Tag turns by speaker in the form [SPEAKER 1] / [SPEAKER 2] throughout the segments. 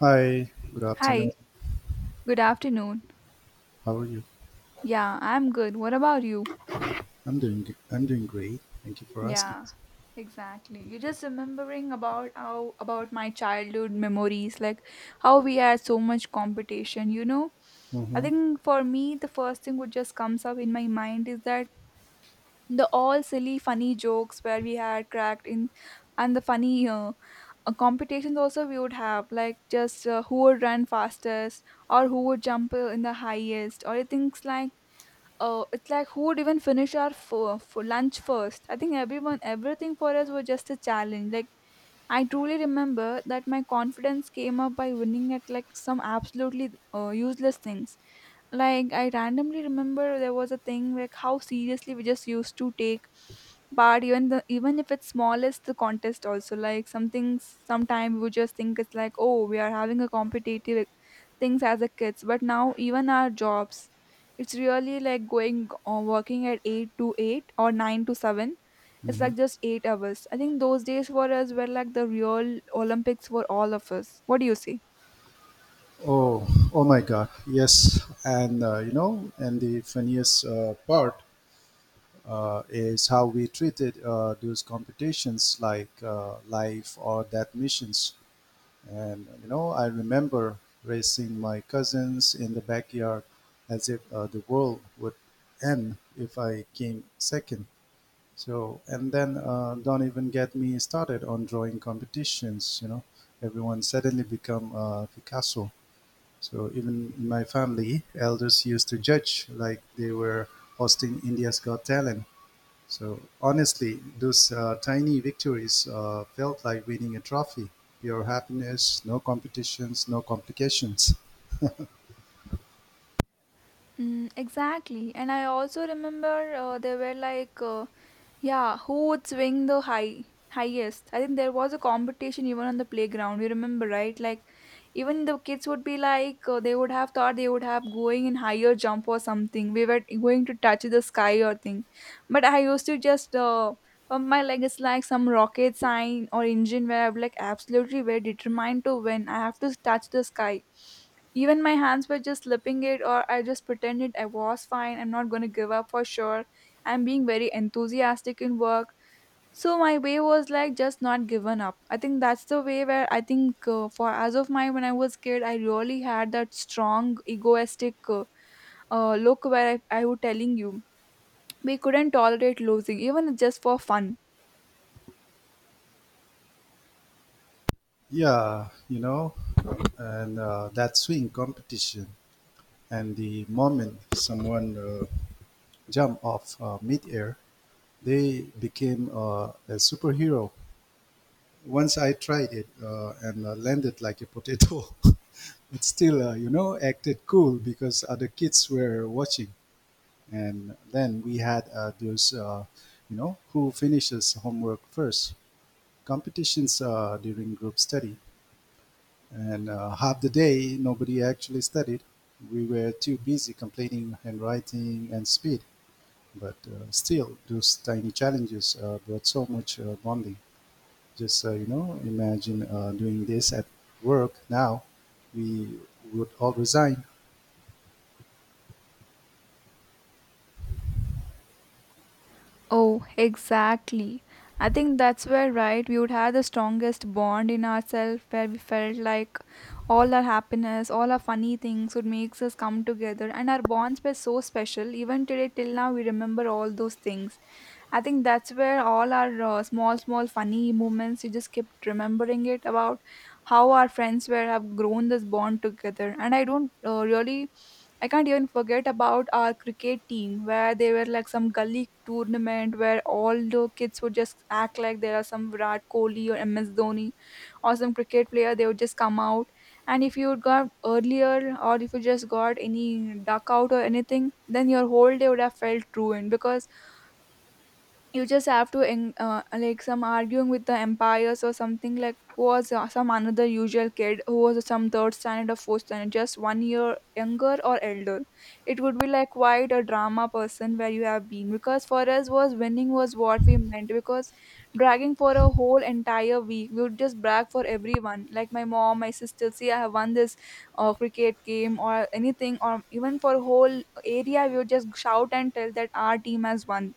[SPEAKER 1] Hi, good
[SPEAKER 2] Hi,
[SPEAKER 1] afternoon.
[SPEAKER 2] good afternoon.
[SPEAKER 1] How are you?
[SPEAKER 2] Yeah, I'm good. What about you?
[SPEAKER 1] I'm doing great. Thank you for asking.
[SPEAKER 2] Yeah, exactly. You're just remembering about how about my childhood memories, like how we had so much competition, you know? I
[SPEAKER 1] Mm-hmm,
[SPEAKER 2] think for me the first thing which just comes up in my mind is that the all silly funny jokes where we had cracked in and the funny competitions also we would have like just who would run fastest or who would jump in the highest or things like it's like who would even finish our for lunch first. I think everyone everything for us was just a challenge like I truly remember that my confidence came up by winning at like some absolutely useless things. Like I randomly remember there was a thing like how seriously we just used to take part even the even if it's smallest the contest also like something sometime we would just think it's like, oh, we are having a competitive things as a kids, but now even our jobs it's really like going or working at 8 to 8 or 9 to 7. It's
[SPEAKER 1] mm-hmm.
[SPEAKER 2] like just 8 hours. I think those days for us were like the real Olympics for all of us. What do you say?
[SPEAKER 1] Oh, oh my God. Yes, and you know, and the funniest part is how we treated those competitions like life or death missions. And you know, I remember racing my cousins in the backyard as if the world would end if I came second. So, and then don't even get me started on drawing competitions. You know, everyone suddenly become Picasso. So even in my family, elders used to judge like they were hosting India's Got Talent. So honestly, those tiny victories felt like winning a trophy. Pure happiness, no competitions, no complications.
[SPEAKER 2] Mm, exactly. And I also remember there were like, yeah, who would swing the highest? I think there was a competition even on the playground. You remember, right? Like, even the kids would be like, they would have thought they would have going in higher jump or something. We were going to touch the sky or thing. But I used to just pump my leg is like some rocket sign or engine where I'm like, absolutely, we're determined to win. I have to touch the sky, even my hands were just slipping it, or I just pretended I was fine. I'm not going to give up for sure. I'm being very enthusiastic in work. So my way was like just not given up. I think that's the way where I think for as of my when I was kid, I really had that strong egoistic look where I was telling you we couldn't tolerate losing even just for fun.
[SPEAKER 1] Yeah, you know, and that swing competition and the moment someone jump off mid-air, they became a superhero. Once I tried it and landed like a potato, but still, you know, acted cool because other kids were watching. And then we had those, you know, who finishes homework first competitions during group study. And half the day, nobody actually studied. We were too busy complaining, handwriting, and speed. But still, those tiny challenges brought so much bonding. Just you know, imagine doing this at work now. We would all resign.
[SPEAKER 2] Oh, exactly. I think that's where, right, we would have the strongest bond in ourselves where we felt like all our happiness, all our funny things would makes us come together and our bonds were so special. Even today till now we remember all those things. I think that's where all our small, small funny moments, you just kept remembering it about how our friends were have grown this bond together. And I don't really, I can't even forget about our cricket team where they were like some gully tournament where all the kids would just act like there are some Virat Kohli or MS Dhoni or some cricket player. They would just come out. And if you got earlier or if you just got any duck out or anything, then your whole day would have felt ruined because you just have to like some arguing with the empires or something like who was some another usual kid who was some third standard or fourth standard just 1 year younger or elder. It would be like quite a drama person where you have been because for us was winning was what we meant because dragging for a whole entire week we would just brag for everyone like my mom, my sister, see, I have won this cricket game or anything, or even for whole area we would just shout and tell that our team has won.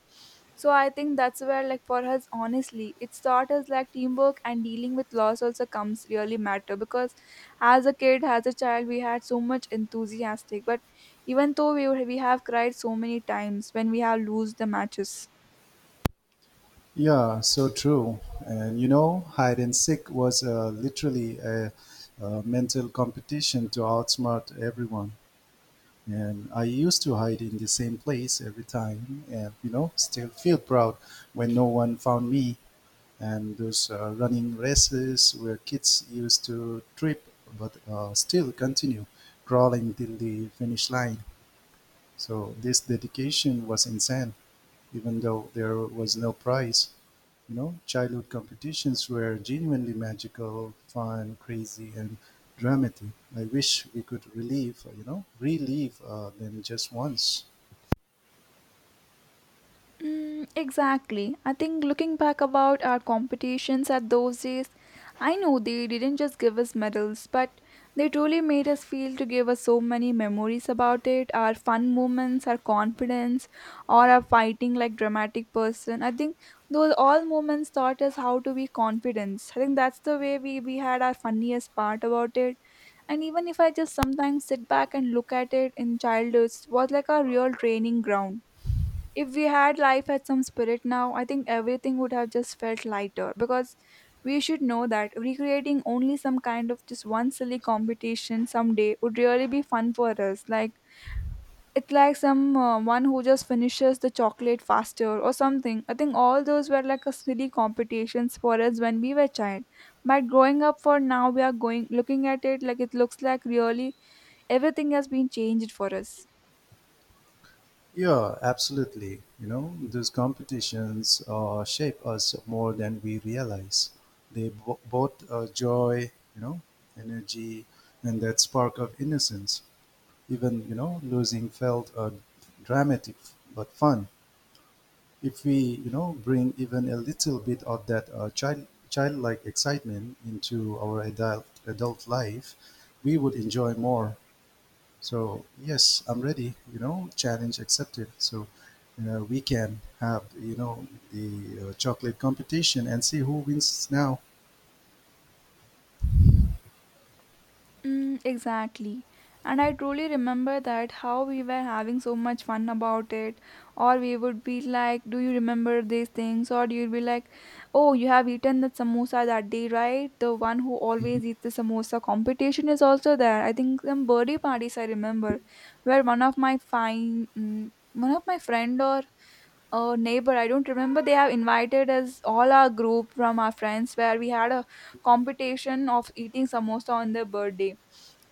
[SPEAKER 2] So I think that's where like for us honestly it's taught us like teamwork and dealing with loss also comes really matter because as a kid, as a child, we had so much enthusiastic, but even though we have cried so many times when we have lose the matches.
[SPEAKER 1] Yeah, so true. And you know, hide and seek was literally a mental competition to outsmart everyone. And I used to hide in the same place every time, and you know, still feel proud when no one found me. And those running races where kids used to trip but still continue crawling till the finish line. So this dedication was insane, even though there was no prize. You know, childhood competitions were genuinely magical, fun, crazy, and dramatic. I wish we could relive, them just once.
[SPEAKER 2] Mm, exactly. I think looking back about our competitions at those days, I know they didn't just give us medals, but they truly made us feel to give us so many memories about it, our fun moments, our confidence, or our fighting like dramatic person. I think those all moments taught us how to be confident. I think that's the way we had our funniest part about it. And even if I just sometimes sit back and look at it in childhood, it was like a real training ground. If we had life had some spirit now, I think everything would have just felt lighter because we should know that recreating only some kind of just one silly competition someday would really be fun for us. Like it's like some one who just finishes the chocolate faster or something. I think all those were like a silly competitions for us when we were child. But growing up for now, we are going looking at it like it looks like really everything has been changed for us.
[SPEAKER 1] Yeah, absolutely. You know, those competitions shape us more than we realize. Both joy, you know, energy, and that spark of innocence. Even, you know, losing felt dramatic but fun. If we, you know, bring even a little bit of that childlike excitement into our adult life, we would enjoy more. So yes, I'm ready. You know, challenge accepted. So we can have you know the chocolate competition and see who wins now.
[SPEAKER 2] Mm, exactly. And I truly remember that how we were having so much fun about it, or we would be like, do you remember these things? Or you'd be like, oh, you have eaten that samosa that day, right? The one who always eats the samosa competition is also there. I think some birthday parties I remember where one of my fine, mm, one of my friend or a neighbor, I don't remember, they have invited us all our group from our friends where we had a competition of eating samosa on their birthday.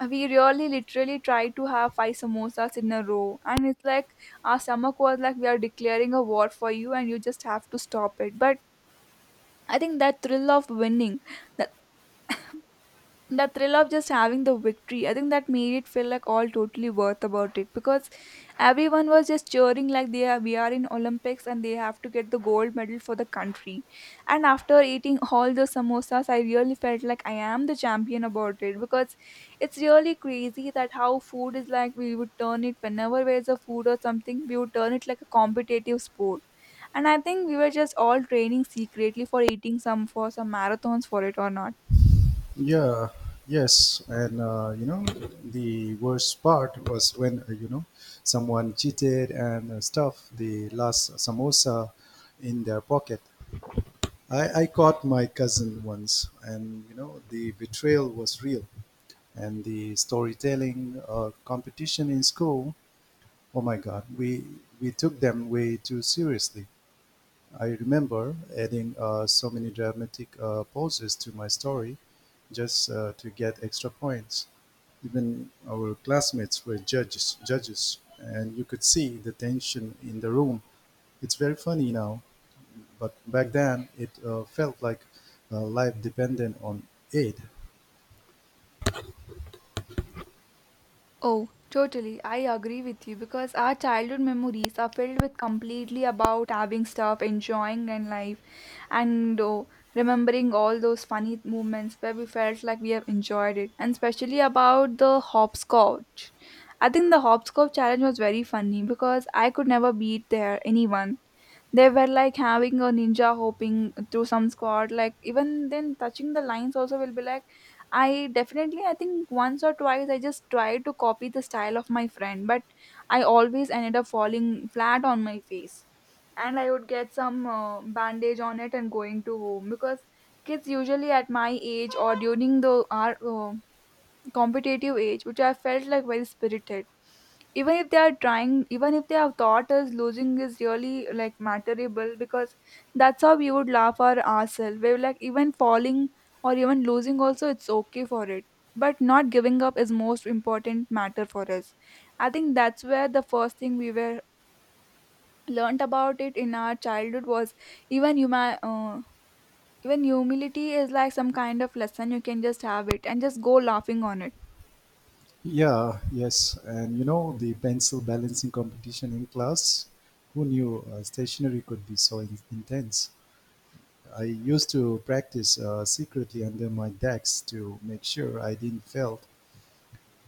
[SPEAKER 2] And we really literally tried to have five samosas in a row, and it's like our stomach was like we are declaring a war for you and you just have to stop it. But I think that thrill of winning, the thrill of just having the victory, I think that made it feel like all totally worth about it because everyone was just cheering like they are, we are in Olympics, and they have to get the gold medal for the country. And after eating all the samosas I really felt like I am the champion about it because it's really crazy that how food is like we would turn it, whenever there's a food or something we would turn it like a competitive sport. And I think we were just all training secretly for eating some, for some marathons for it or not.
[SPEAKER 1] Yeah, yes, and you know the worst part was when you know someone cheated and stuffed the last samosa in their pocket. I caught my cousin once, and you know the betrayal was real. And the storytelling competition in school. Oh my God, we took them way too seriously. I remember adding so many dramatic pauses to my story just to get extra points. Even our classmates were judges, and you could see the tension in the room. It's very funny now, but back then it felt like life depended on it.
[SPEAKER 2] Oh, totally. I agree with you because our childhood memories are filled with completely about having stuff, enjoying and life, and oh, remembering all those funny moments where we felt like we have enjoyed it, and especially about the hopscotch. I think the hopscotch challenge was very funny because I could never beat there anyone. They were like having a ninja hopping through some squad. Like even then, touching the lines also will be like I definitely, I think once or twice I just tried to copy the style of my friend, but I always ended up falling flat on my face. And I would get some bandage on it and going to home because kids usually at my age or during the our competitive age which I felt like very spirited, even if they are trying, even if they have taught us losing is really like matterable because that's how we would laugh our ourselves. We're like even falling or even losing also it's okay for it, but not giving up is most important matter for us. I think that's where the first thing we were learnt about it in our childhood was even you even humility is like some kind of lesson you can just have it and just go laughing on it.
[SPEAKER 1] Yeah, yes. And you know, the pencil balancing competition in class, who knew stationery could be so intense? I used to practice secretly under my decks to make sure I didn't fail.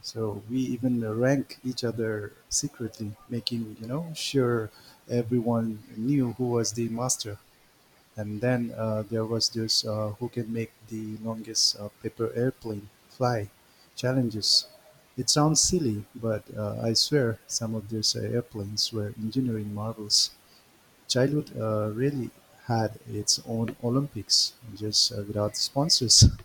[SPEAKER 1] So we even rank each other secretly, making, you know, sure everyone knew who was the master. And then there was this who can make the longest paper airplane fly challenges. It sounds silly, but I swear some of these airplanes were engineering marvels. Childhood really had its own Olympics, just without sponsors.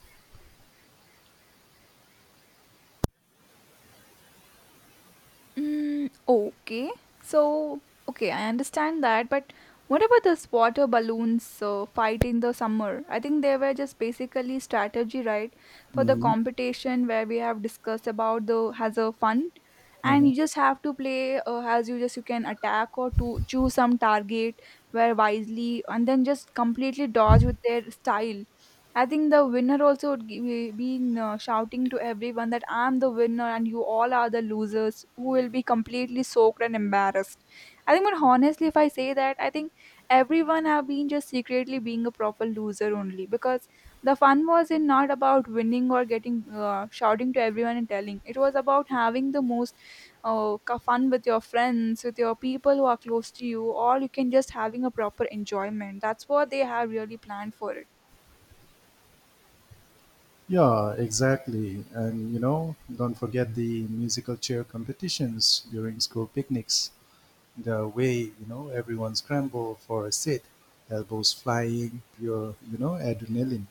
[SPEAKER 2] Mm, okay. So, okay, I understand that, but what about this water balloons fight in the summer? I think they were just basically strategy, right, for the
[SPEAKER 1] Mhm,
[SPEAKER 2] competition where we have discussed about the has a fun, and
[SPEAKER 1] mhm.
[SPEAKER 2] you just have to play as you just you can attack or to choose some target where wisely and then just completely dodge with their style. I think the winner also would be been shouting to everyone that I'm the winner and you all are the losers who will be completely soaked and embarrassed. I think, but honestly, if I say that, I think everyone have been just secretly being a proper loser only because the fun was in not about winning or getting shouting to everyone and telling. It was about having the most fun with your friends, with your people who are close to you, or you can just having a proper enjoyment. That's what they have really planned for it.
[SPEAKER 1] Yeah, exactly. And you know, don't forget the musical chair competitions during school picnics. The way you know everyone scramble for a seat, elbows flying, pure you know adrenaline.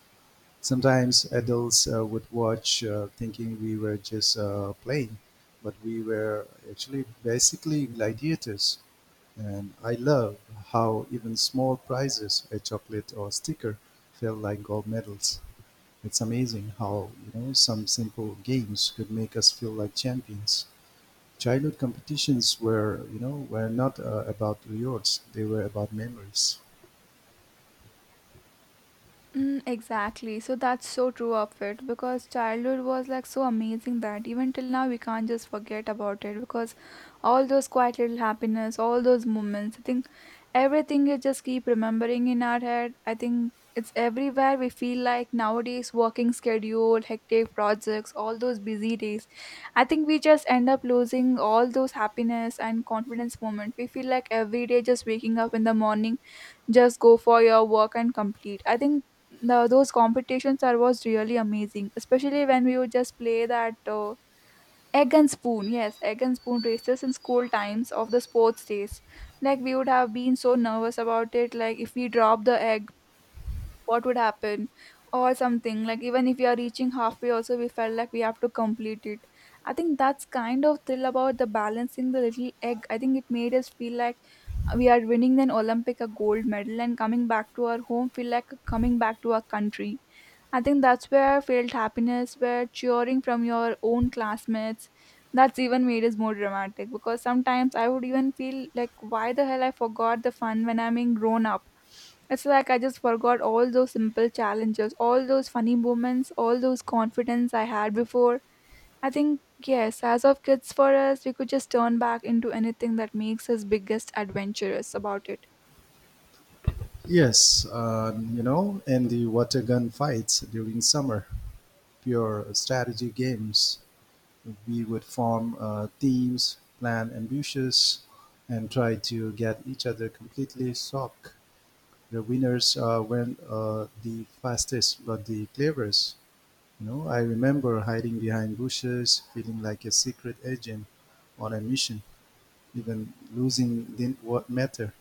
[SPEAKER 1] Sometimes adults would watch thinking we were just playing, but we were actually basically gladiators. And I love how even small prizes, a chocolate or sticker, felt like gold medals. It's amazing how you know some simple games could make us feel like champions. Childhood competitions were, you know, were not about rewards. They were about memories.
[SPEAKER 2] Mm, exactly. So that's so true of it because childhood was like so amazing that even till now we can't just forget about it because all those quiet little happiness, all those moments, I think everything you just keep remembering in our head. I think it's everywhere we feel like nowadays working schedule, hectic projects, all those busy days. I think we just end up losing all those happiness and confidence moment. We feel like every day just waking up in the morning just go for your work and complete. I think those competitions are was really amazing, especially when we would just play that egg and spoon races in school times of the sports days. Like we would have been so nervous about it, like if we drop the egg what would happen, or something like even if we are reaching halfway also we felt like we have to complete it. I think that's kind of thrill about the balancing the little egg. I think it made us feel like we are winning an olympic a gold medal and coming back to our home, feel like coming back to our country. I think that's where I felt happiness, where cheering from your own classmates, that's even made it more dramatic because sometimes I would even feel like, why the hell I forgot the fun when I'm being grown up? It's like I just forgot all those simple challenges, all those funny moments, all those confidence I had before. I think, yes, as of kids for us, we could just turn back into anything that makes us biggest adventurous about it.
[SPEAKER 1] Yes, you know, and the water gun fights during summer, pure strategy games. We would form teams, plan ambushes, and try to get each other completely soaked. The winners weren't the fastest, but the cleverest. You know, I remember hiding behind bushes, feeling like a secret agent on a mission. Even losing didn't what matter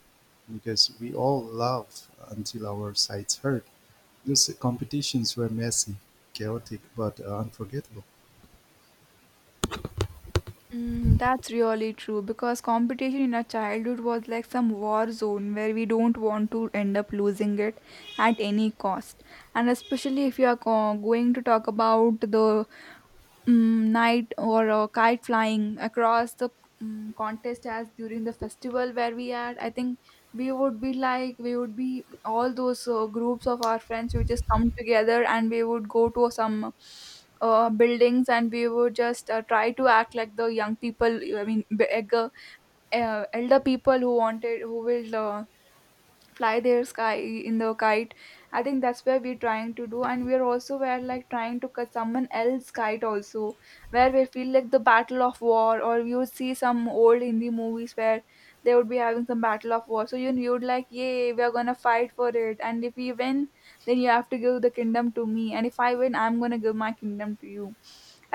[SPEAKER 1] because we all love until our sides hurt. Those competitions were messy, chaotic, but unforgettable.
[SPEAKER 2] Mm, that's really true because competition in our childhood was like some war zone where we don't want to end up losing it at any cost. And especially if you are going to talk about the night or kite flying across the contest as during the festival where we at, I think we would be all those groups of our friends who just come together, and we would go to some buildings, and we would just try to act like the young people, I mean elder people who wanted who will fly their sky in the kite. I think that's where we're trying to do, and we're also where like trying to cut someone else kite also, where we feel like the battle of war, or you would see some old Hindi movies where they would be having some battle of war. So you would like, yay, we're gonna fight for it, and if we win then you have to give the kingdom to me, and if I win I'm gonna give my kingdom to you.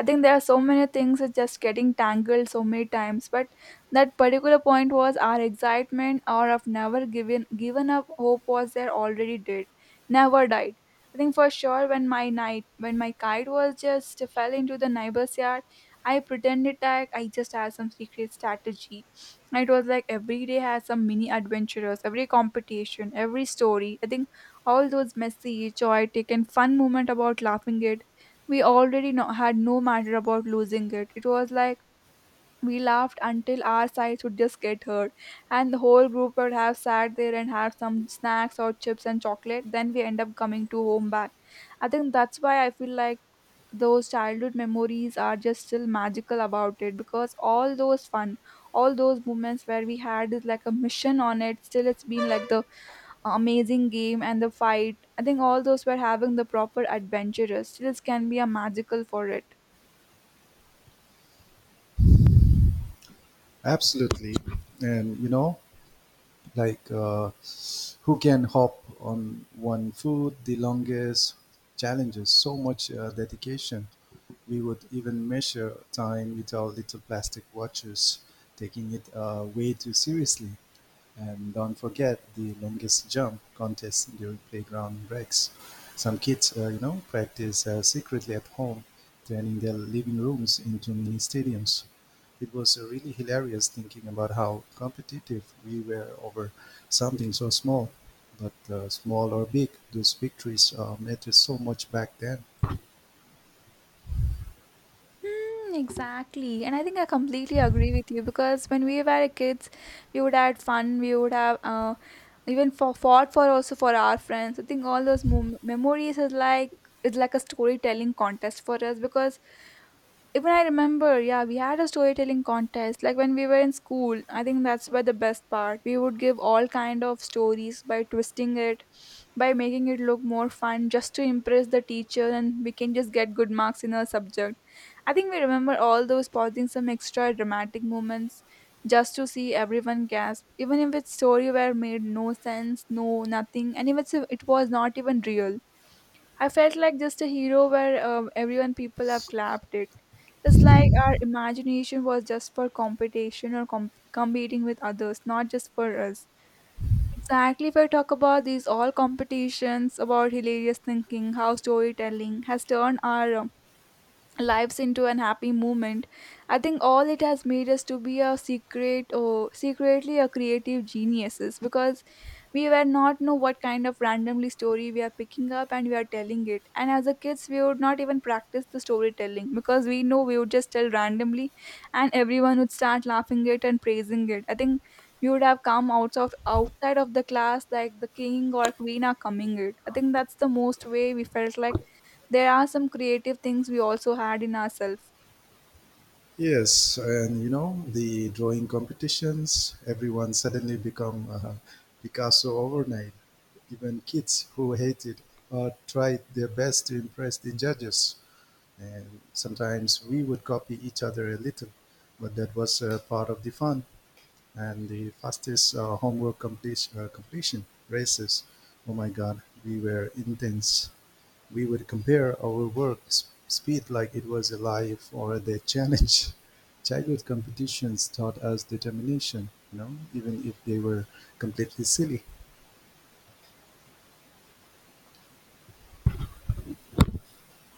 [SPEAKER 2] I think there are so many things it's just getting tangled so many times. But that particular point was our excitement or of never given up hope was there already did. Never died. I think for sure when my kite was just fell into the neighbor's yard, I pretended like I just had some secret strategy. It was like every day has some mini adventures, every competition, every story. I think all those messy, chaotic, and fun moment about laughing it, we already had no matter about losing it. It was like we laughed until our sides would just get hurt, and the whole group would have sat there and have some snacks or chips and chocolate. Then we end up coming to home back. I think that's why I feel like those childhood memories are just still magical about it, because all those fun, all those moments where we had is like a mission on it. Still, it's been like the amazing game and the fight. I think all those were having the proper adventurous. Still, it can be a magical for it.
[SPEAKER 1] Absolutely, and you know, like who can hop on one foot the longest challenges? So much dedication. We would even measure time with our little plastic watches, taking it way too seriously. And don't forget the longest jump contest during playground breaks. Some kids, you know, practice secretly at home, turning their living rooms into mini stadiums. It was really hilarious thinking about how competitive we were over something so small. But small or big, those victories mattered so much back then.
[SPEAKER 2] Mm, exactly. And I think I completely agree with you because when we were kids, we would have fun, we would have, even for fought for also for our friends. I think all those memories is like it's like a storytelling contest for us, because even I remember, yeah, we had a storytelling contest like when we were in school. I think that's where the best part. We would give all kind of stories by twisting it, by making it look more fun, just to impress the teacher and we can just get good marks in our subject. I think we remember all those pausing some extra dramatic moments just to see everyone gasp, even if its story were made no sense, no nothing, and even if it was not even real. I felt like just a hero, where everyone people have clapped it. It's like our imagination was just for competition or competing with others, not just for us. Exactly, if I talk about these all competitions about hilarious thinking, how storytelling has turned our lives into an happy moment. I think all it has made us to be a secret or secretly a creative geniuses, because we were not know what kind of randomly story we are picking up and we are telling it. And as a kids we would not even practice the storytelling because we know we would just tell randomly, and everyone would start laughing it and praising it. I think we would have come out of outside of the class like the king or queen are coming it. I think that's the most way we felt like there are some creative things we also had in ourselves.
[SPEAKER 1] Yes, and you know the drawing competitions. Everyone suddenly become Picasso overnight. Even kids who hated or tried their best to impress the judges. And sometimes we would copy each other a little, but that was part of the fun. And the fastest completion races. Oh my God, we were intense. We would compare our speed like it was a life or a dead challenge. Childhood competitions taught us determination, you know, even if they were completely silly.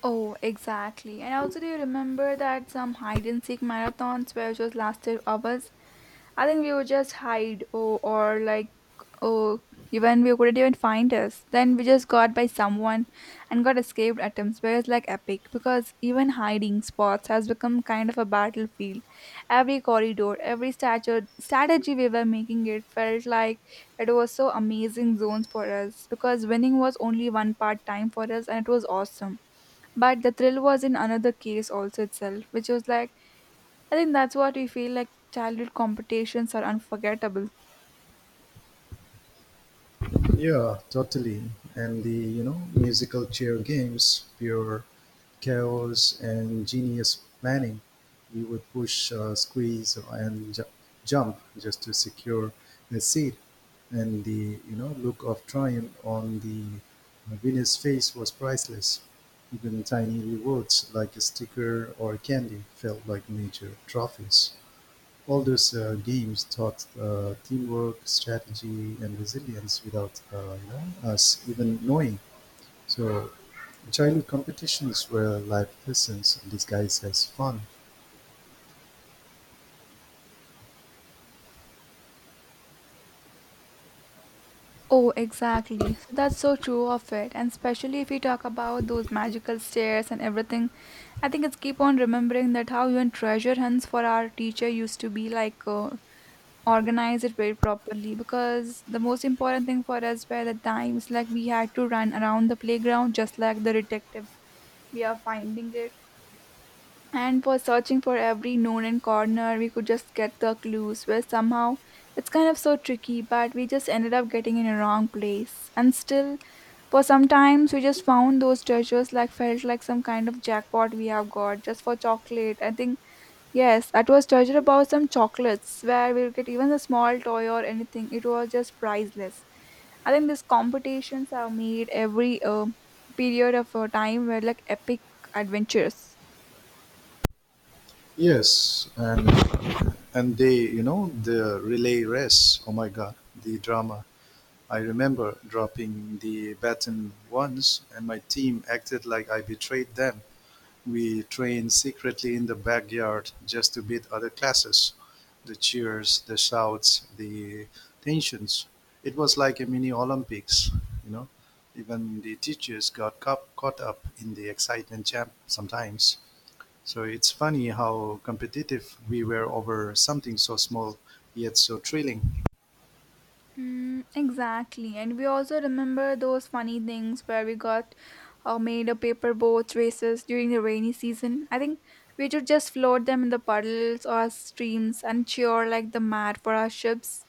[SPEAKER 2] Oh, exactly. And also, do you remember that some hide and seek marathons where just lasted hours? I think we would just hide, or like oh even we couldn't even find us. Then we just got by someone and got escaped attempts where it's like epic, because even hiding spots has become kind of a battlefield. Every corridor, every statue strategy we were making it felt like it was so amazing zones for us, because winning was only one part time for us and it was awesome. But the thrill was in another case also itself, which was like, I think that's what we feel like childhood competitions are unforgettable.
[SPEAKER 1] Yeah, totally. And the, you know, musical chair games, pure chaos and genius planning. You would push, squeeze, and jump just to secure a seat. And the, you know, look of triumph on the winner's face was priceless. Even tiny rewards like a sticker or candy felt like major trophies. All those games taught teamwork, strategy, and resilience without you know, us even knowing. So, childhood competitions were life lessons disguised as fun.
[SPEAKER 2] Oh, exactly. So that's so true of it. And especially if we talk about those magical stairs and everything, I think it's keep on remembering that how even treasure hunts for our teacher used to be like organize it very properly, because the most important thing for us were the times like we had to run around the playground just like the detectives. We are finding it, and for searching for every nook and corner we could just get the clues where somehow it's kind of so tricky, but we just ended up getting in a wrong place. And still, for sometimes we just found those treasures like felt like some kind of jackpot we have got just for chocolate. I think, yes, that was treasure about some chocolates where we'll get even a small toy or anything, it was just priceless. I think these competitions have made every period of time were like epic adventures.
[SPEAKER 1] Yes, and they, you know, the relay race. Oh my God, the drama! I remember dropping the baton once, and my team acted like I betrayed them. We train secretly in the backyard just to beat other classes. The cheers, the shouts, the tensions. It was like a mini Olympics, you know. Even the teachers got caught up in the excitement jam sometimes. So it's funny how competitive we were over something so small yet so thrilling.
[SPEAKER 2] Mm, exactly. And we also remember those funny things where we got, made a paper boat races during the rainy season. I think we should just float them in the puddles or streams and cheer like the mad for our ships.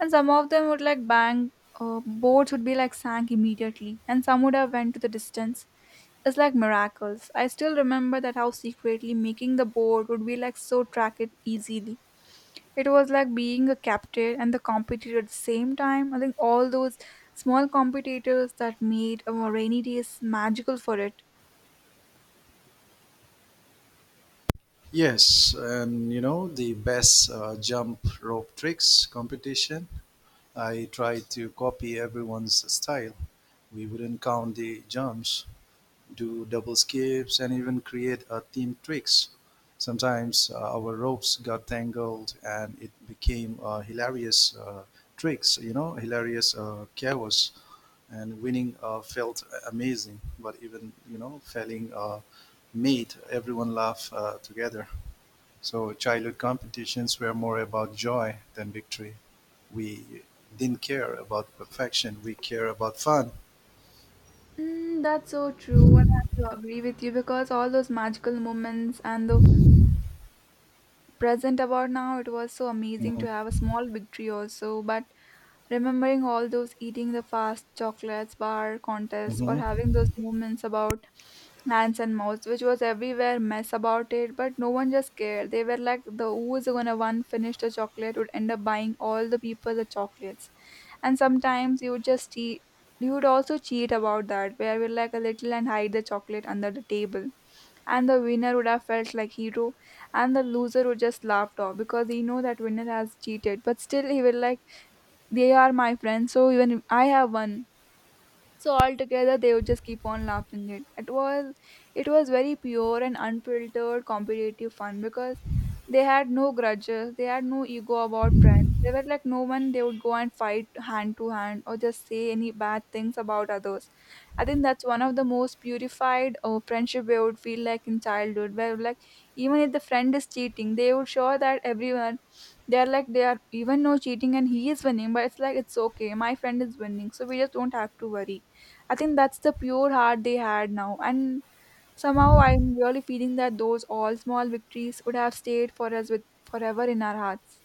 [SPEAKER 2] And some of them would like bang, boats would be like sank immediately, and some would have went to the distance. It's like miracles. I still remember that how secretly making the boat would be like so track it easily. It was like being a captain and the competitor at the same time. I think all those small competitors that made our rainy days magical for it.
[SPEAKER 1] Yes, and you know, the best jump rope tricks competition. I tried to copy everyone's style. We wouldn't count the jumps, do double skips, and even create a team tricks. Sometimes our ropes got tangled, and it became hilarious tricks. You know, hilarious chaos. And winning felt amazing, but even you know, failing made everyone laugh together. So childhood competitions were more about joy than victory. We didn't care about perfection. We care about fun.
[SPEAKER 2] Mm, that's so true, and I have to agree with you because all those magical moments and the present about now, it was so amazing
[SPEAKER 1] Hmm.
[SPEAKER 2] to have a small victory also. But remembering all those eating the fast chocolates bar contests, or
[SPEAKER 1] Hmm.
[SPEAKER 2] having those moments about hands and mouths, which was everywhere mess about it, but no one just cared. They were like the who's gonna one finish the chocolate would end up buying all the people the chocolates. And sometimes you would also cheat about that, where we like a little and hide the chocolate under the table. And the winner would have felt like hero, and the loser would just laughed off because he know that winner has cheated, but still he will like they are my friends, so even I have one. So altogether, they would just keep on laughing it. It was very pure and unfiltered competitive fun, because they had no grudges. They had no ego about friends. They were like no one. They would go and fight hand to hand or just say any bad things about others. I think that's one of the most purified friendship we would feel like in childhood, where like even if the friend is cheating, they would show that everyone they are even no cheating and he is winning, but it's like it's okay, my friend is winning, so we just don't have to worry. I think that's the pure heart they had now. And somehow I'm really feeling that those all small victories would have stayed for us with forever in our hearts.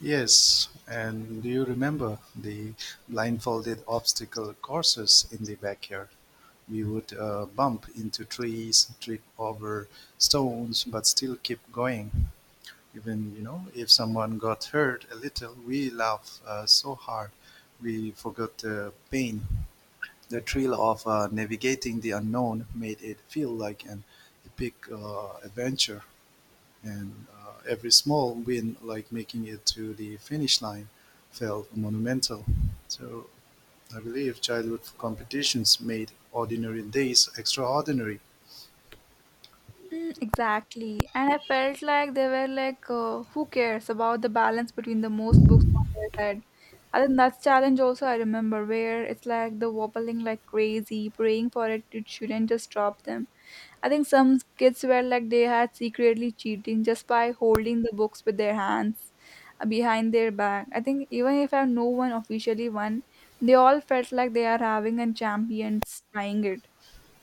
[SPEAKER 1] Yes. And do you remember the blindfolded obstacle courses in the backyard? We would bump into trees, trip over stones, but still keep going. Even you know, if someone got hurt a little, we laugh so hard, we forgot the pain. The thrill of navigating the unknown made it feel like an epic adventure, and every small win, like making it to the finish line, felt monumental. So I believe childhood competitions made ordinary days extraordinary.
[SPEAKER 2] Mm, exactly. And I felt like they were like, who cares about the balance between the most books on their head? I think that's challenge also I remember, where it's like the wobbling like crazy, praying for it, it shouldn't just drop them. I think some kids were like they had secretly cheating just by holding the books with their hands behind their back. I think even if I no one officially won, they all felt like they are having a champion trying it.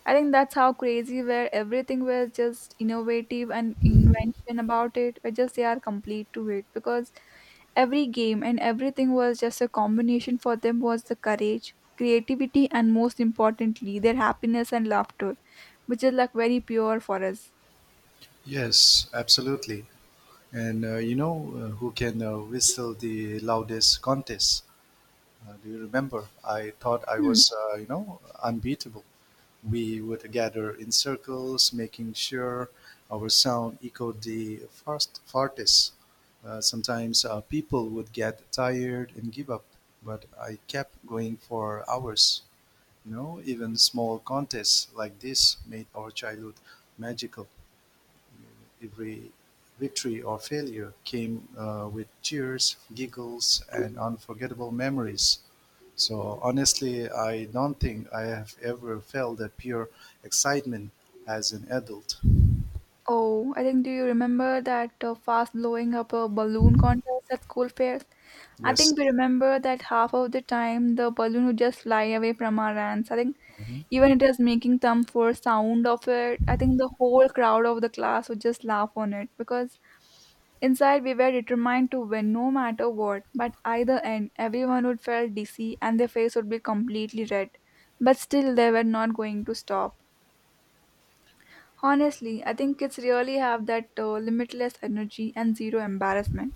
[SPEAKER 2] I think that's how crazy where everything was just innovative and invention about it. Or just they are complete to it, because every game and everything was just a combination for them was the courage, creativity, and most importantly, their happiness and laughter, which is like very pure for us.
[SPEAKER 1] Yes, absolutely. And you know who can whistle the loudest contest? Do you remember? I thought I
[SPEAKER 2] Hmm.
[SPEAKER 1] was, you know, unbeatable. We would gather in circles, making sure our sound echoed farthest. Sometimes people would get tired and give up, but I kept going for hours. You know, even small contests like this made our childhood magical. Every victory or failure came with cheers, giggles, and unforgettable memories. So honestly, I don't think I have ever felt that pure excitement as an adult.
[SPEAKER 2] Oh, I think do you remember that fast blowing up a balloon contest at school fairs? I think
[SPEAKER 1] Yes.
[SPEAKER 2] we remember that half of the time the balloon would just fly away from our hands. I think
[SPEAKER 1] Mhm.
[SPEAKER 2] even it was making some for sound of it. I think the whole crowd of the class would just laugh on it, because inside we were determined to win no matter what. But either end, everyone would feel dizzy and their face would be completely red. But still, they were not going to stop. Honestly, I think kids really have that limitless energy and zero embarrassment.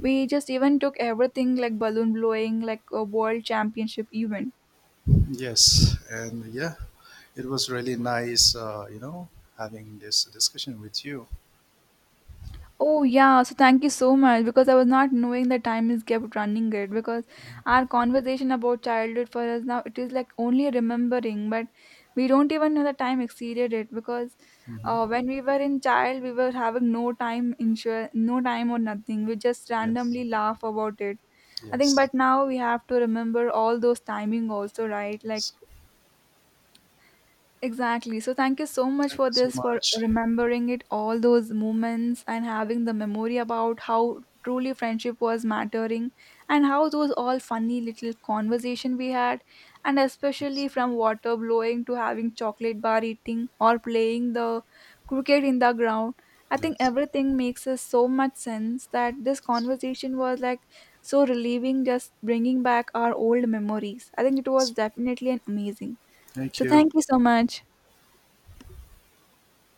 [SPEAKER 2] We just even took everything like balloon blowing, like a world championship event.
[SPEAKER 1] Yes. And yeah, it was really nice, you know, having this discussion with you.
[SPEAKER 2] Oh yeah, so thank you so much, because I was not knowing the time is kept running it, because our conversation about childhood for us now it is like only remembering, but we don't even know the time exceeded it, because
[SPEAKER 1] Hmm.
[SPEAKER 2] when we were in child we were having no time or nothing, we just
[SPEAKER 1] Yes.
[SPEAKER 2] randomly laugh about it. I think,
[SPEAKER 1] Yes.
[SPEAKER 2] but now we have to remember all those timing also, right, like.
[SPEAKER 1] Yes.
[SPEAKER 2] Exactly. So thank you so much
[SPEAKER 1] Thank
[SPEAKER 2] for
[SPEAKER 1] you so
[SPEAKER 2] this, for
[SPEAKER 1] much.
[SPEAKER 2] remembering it, all those moments, and having the memory about how truly friendship was mattering, and how those all funny little conversation we had, and
[SPEAKER 1] Yes.
[SPEAKER 2] especially from water blowing to having chocolate bar eating or playing the cricket in the ground. I think
[SPEAKER 1] Yes.
[SPEAKER 2] everything makes us so much sense that this
[SPEAKER 1] Yes.
[SPEAKER 2] conversation was like so relieving, just bringing back our old memories. I think it was definitely an amazing.
[SPEAKER 1] Thank
[SPEAKER 2] So
[SPEAKER 1] you.
[SPEAKER 2] thank you so much.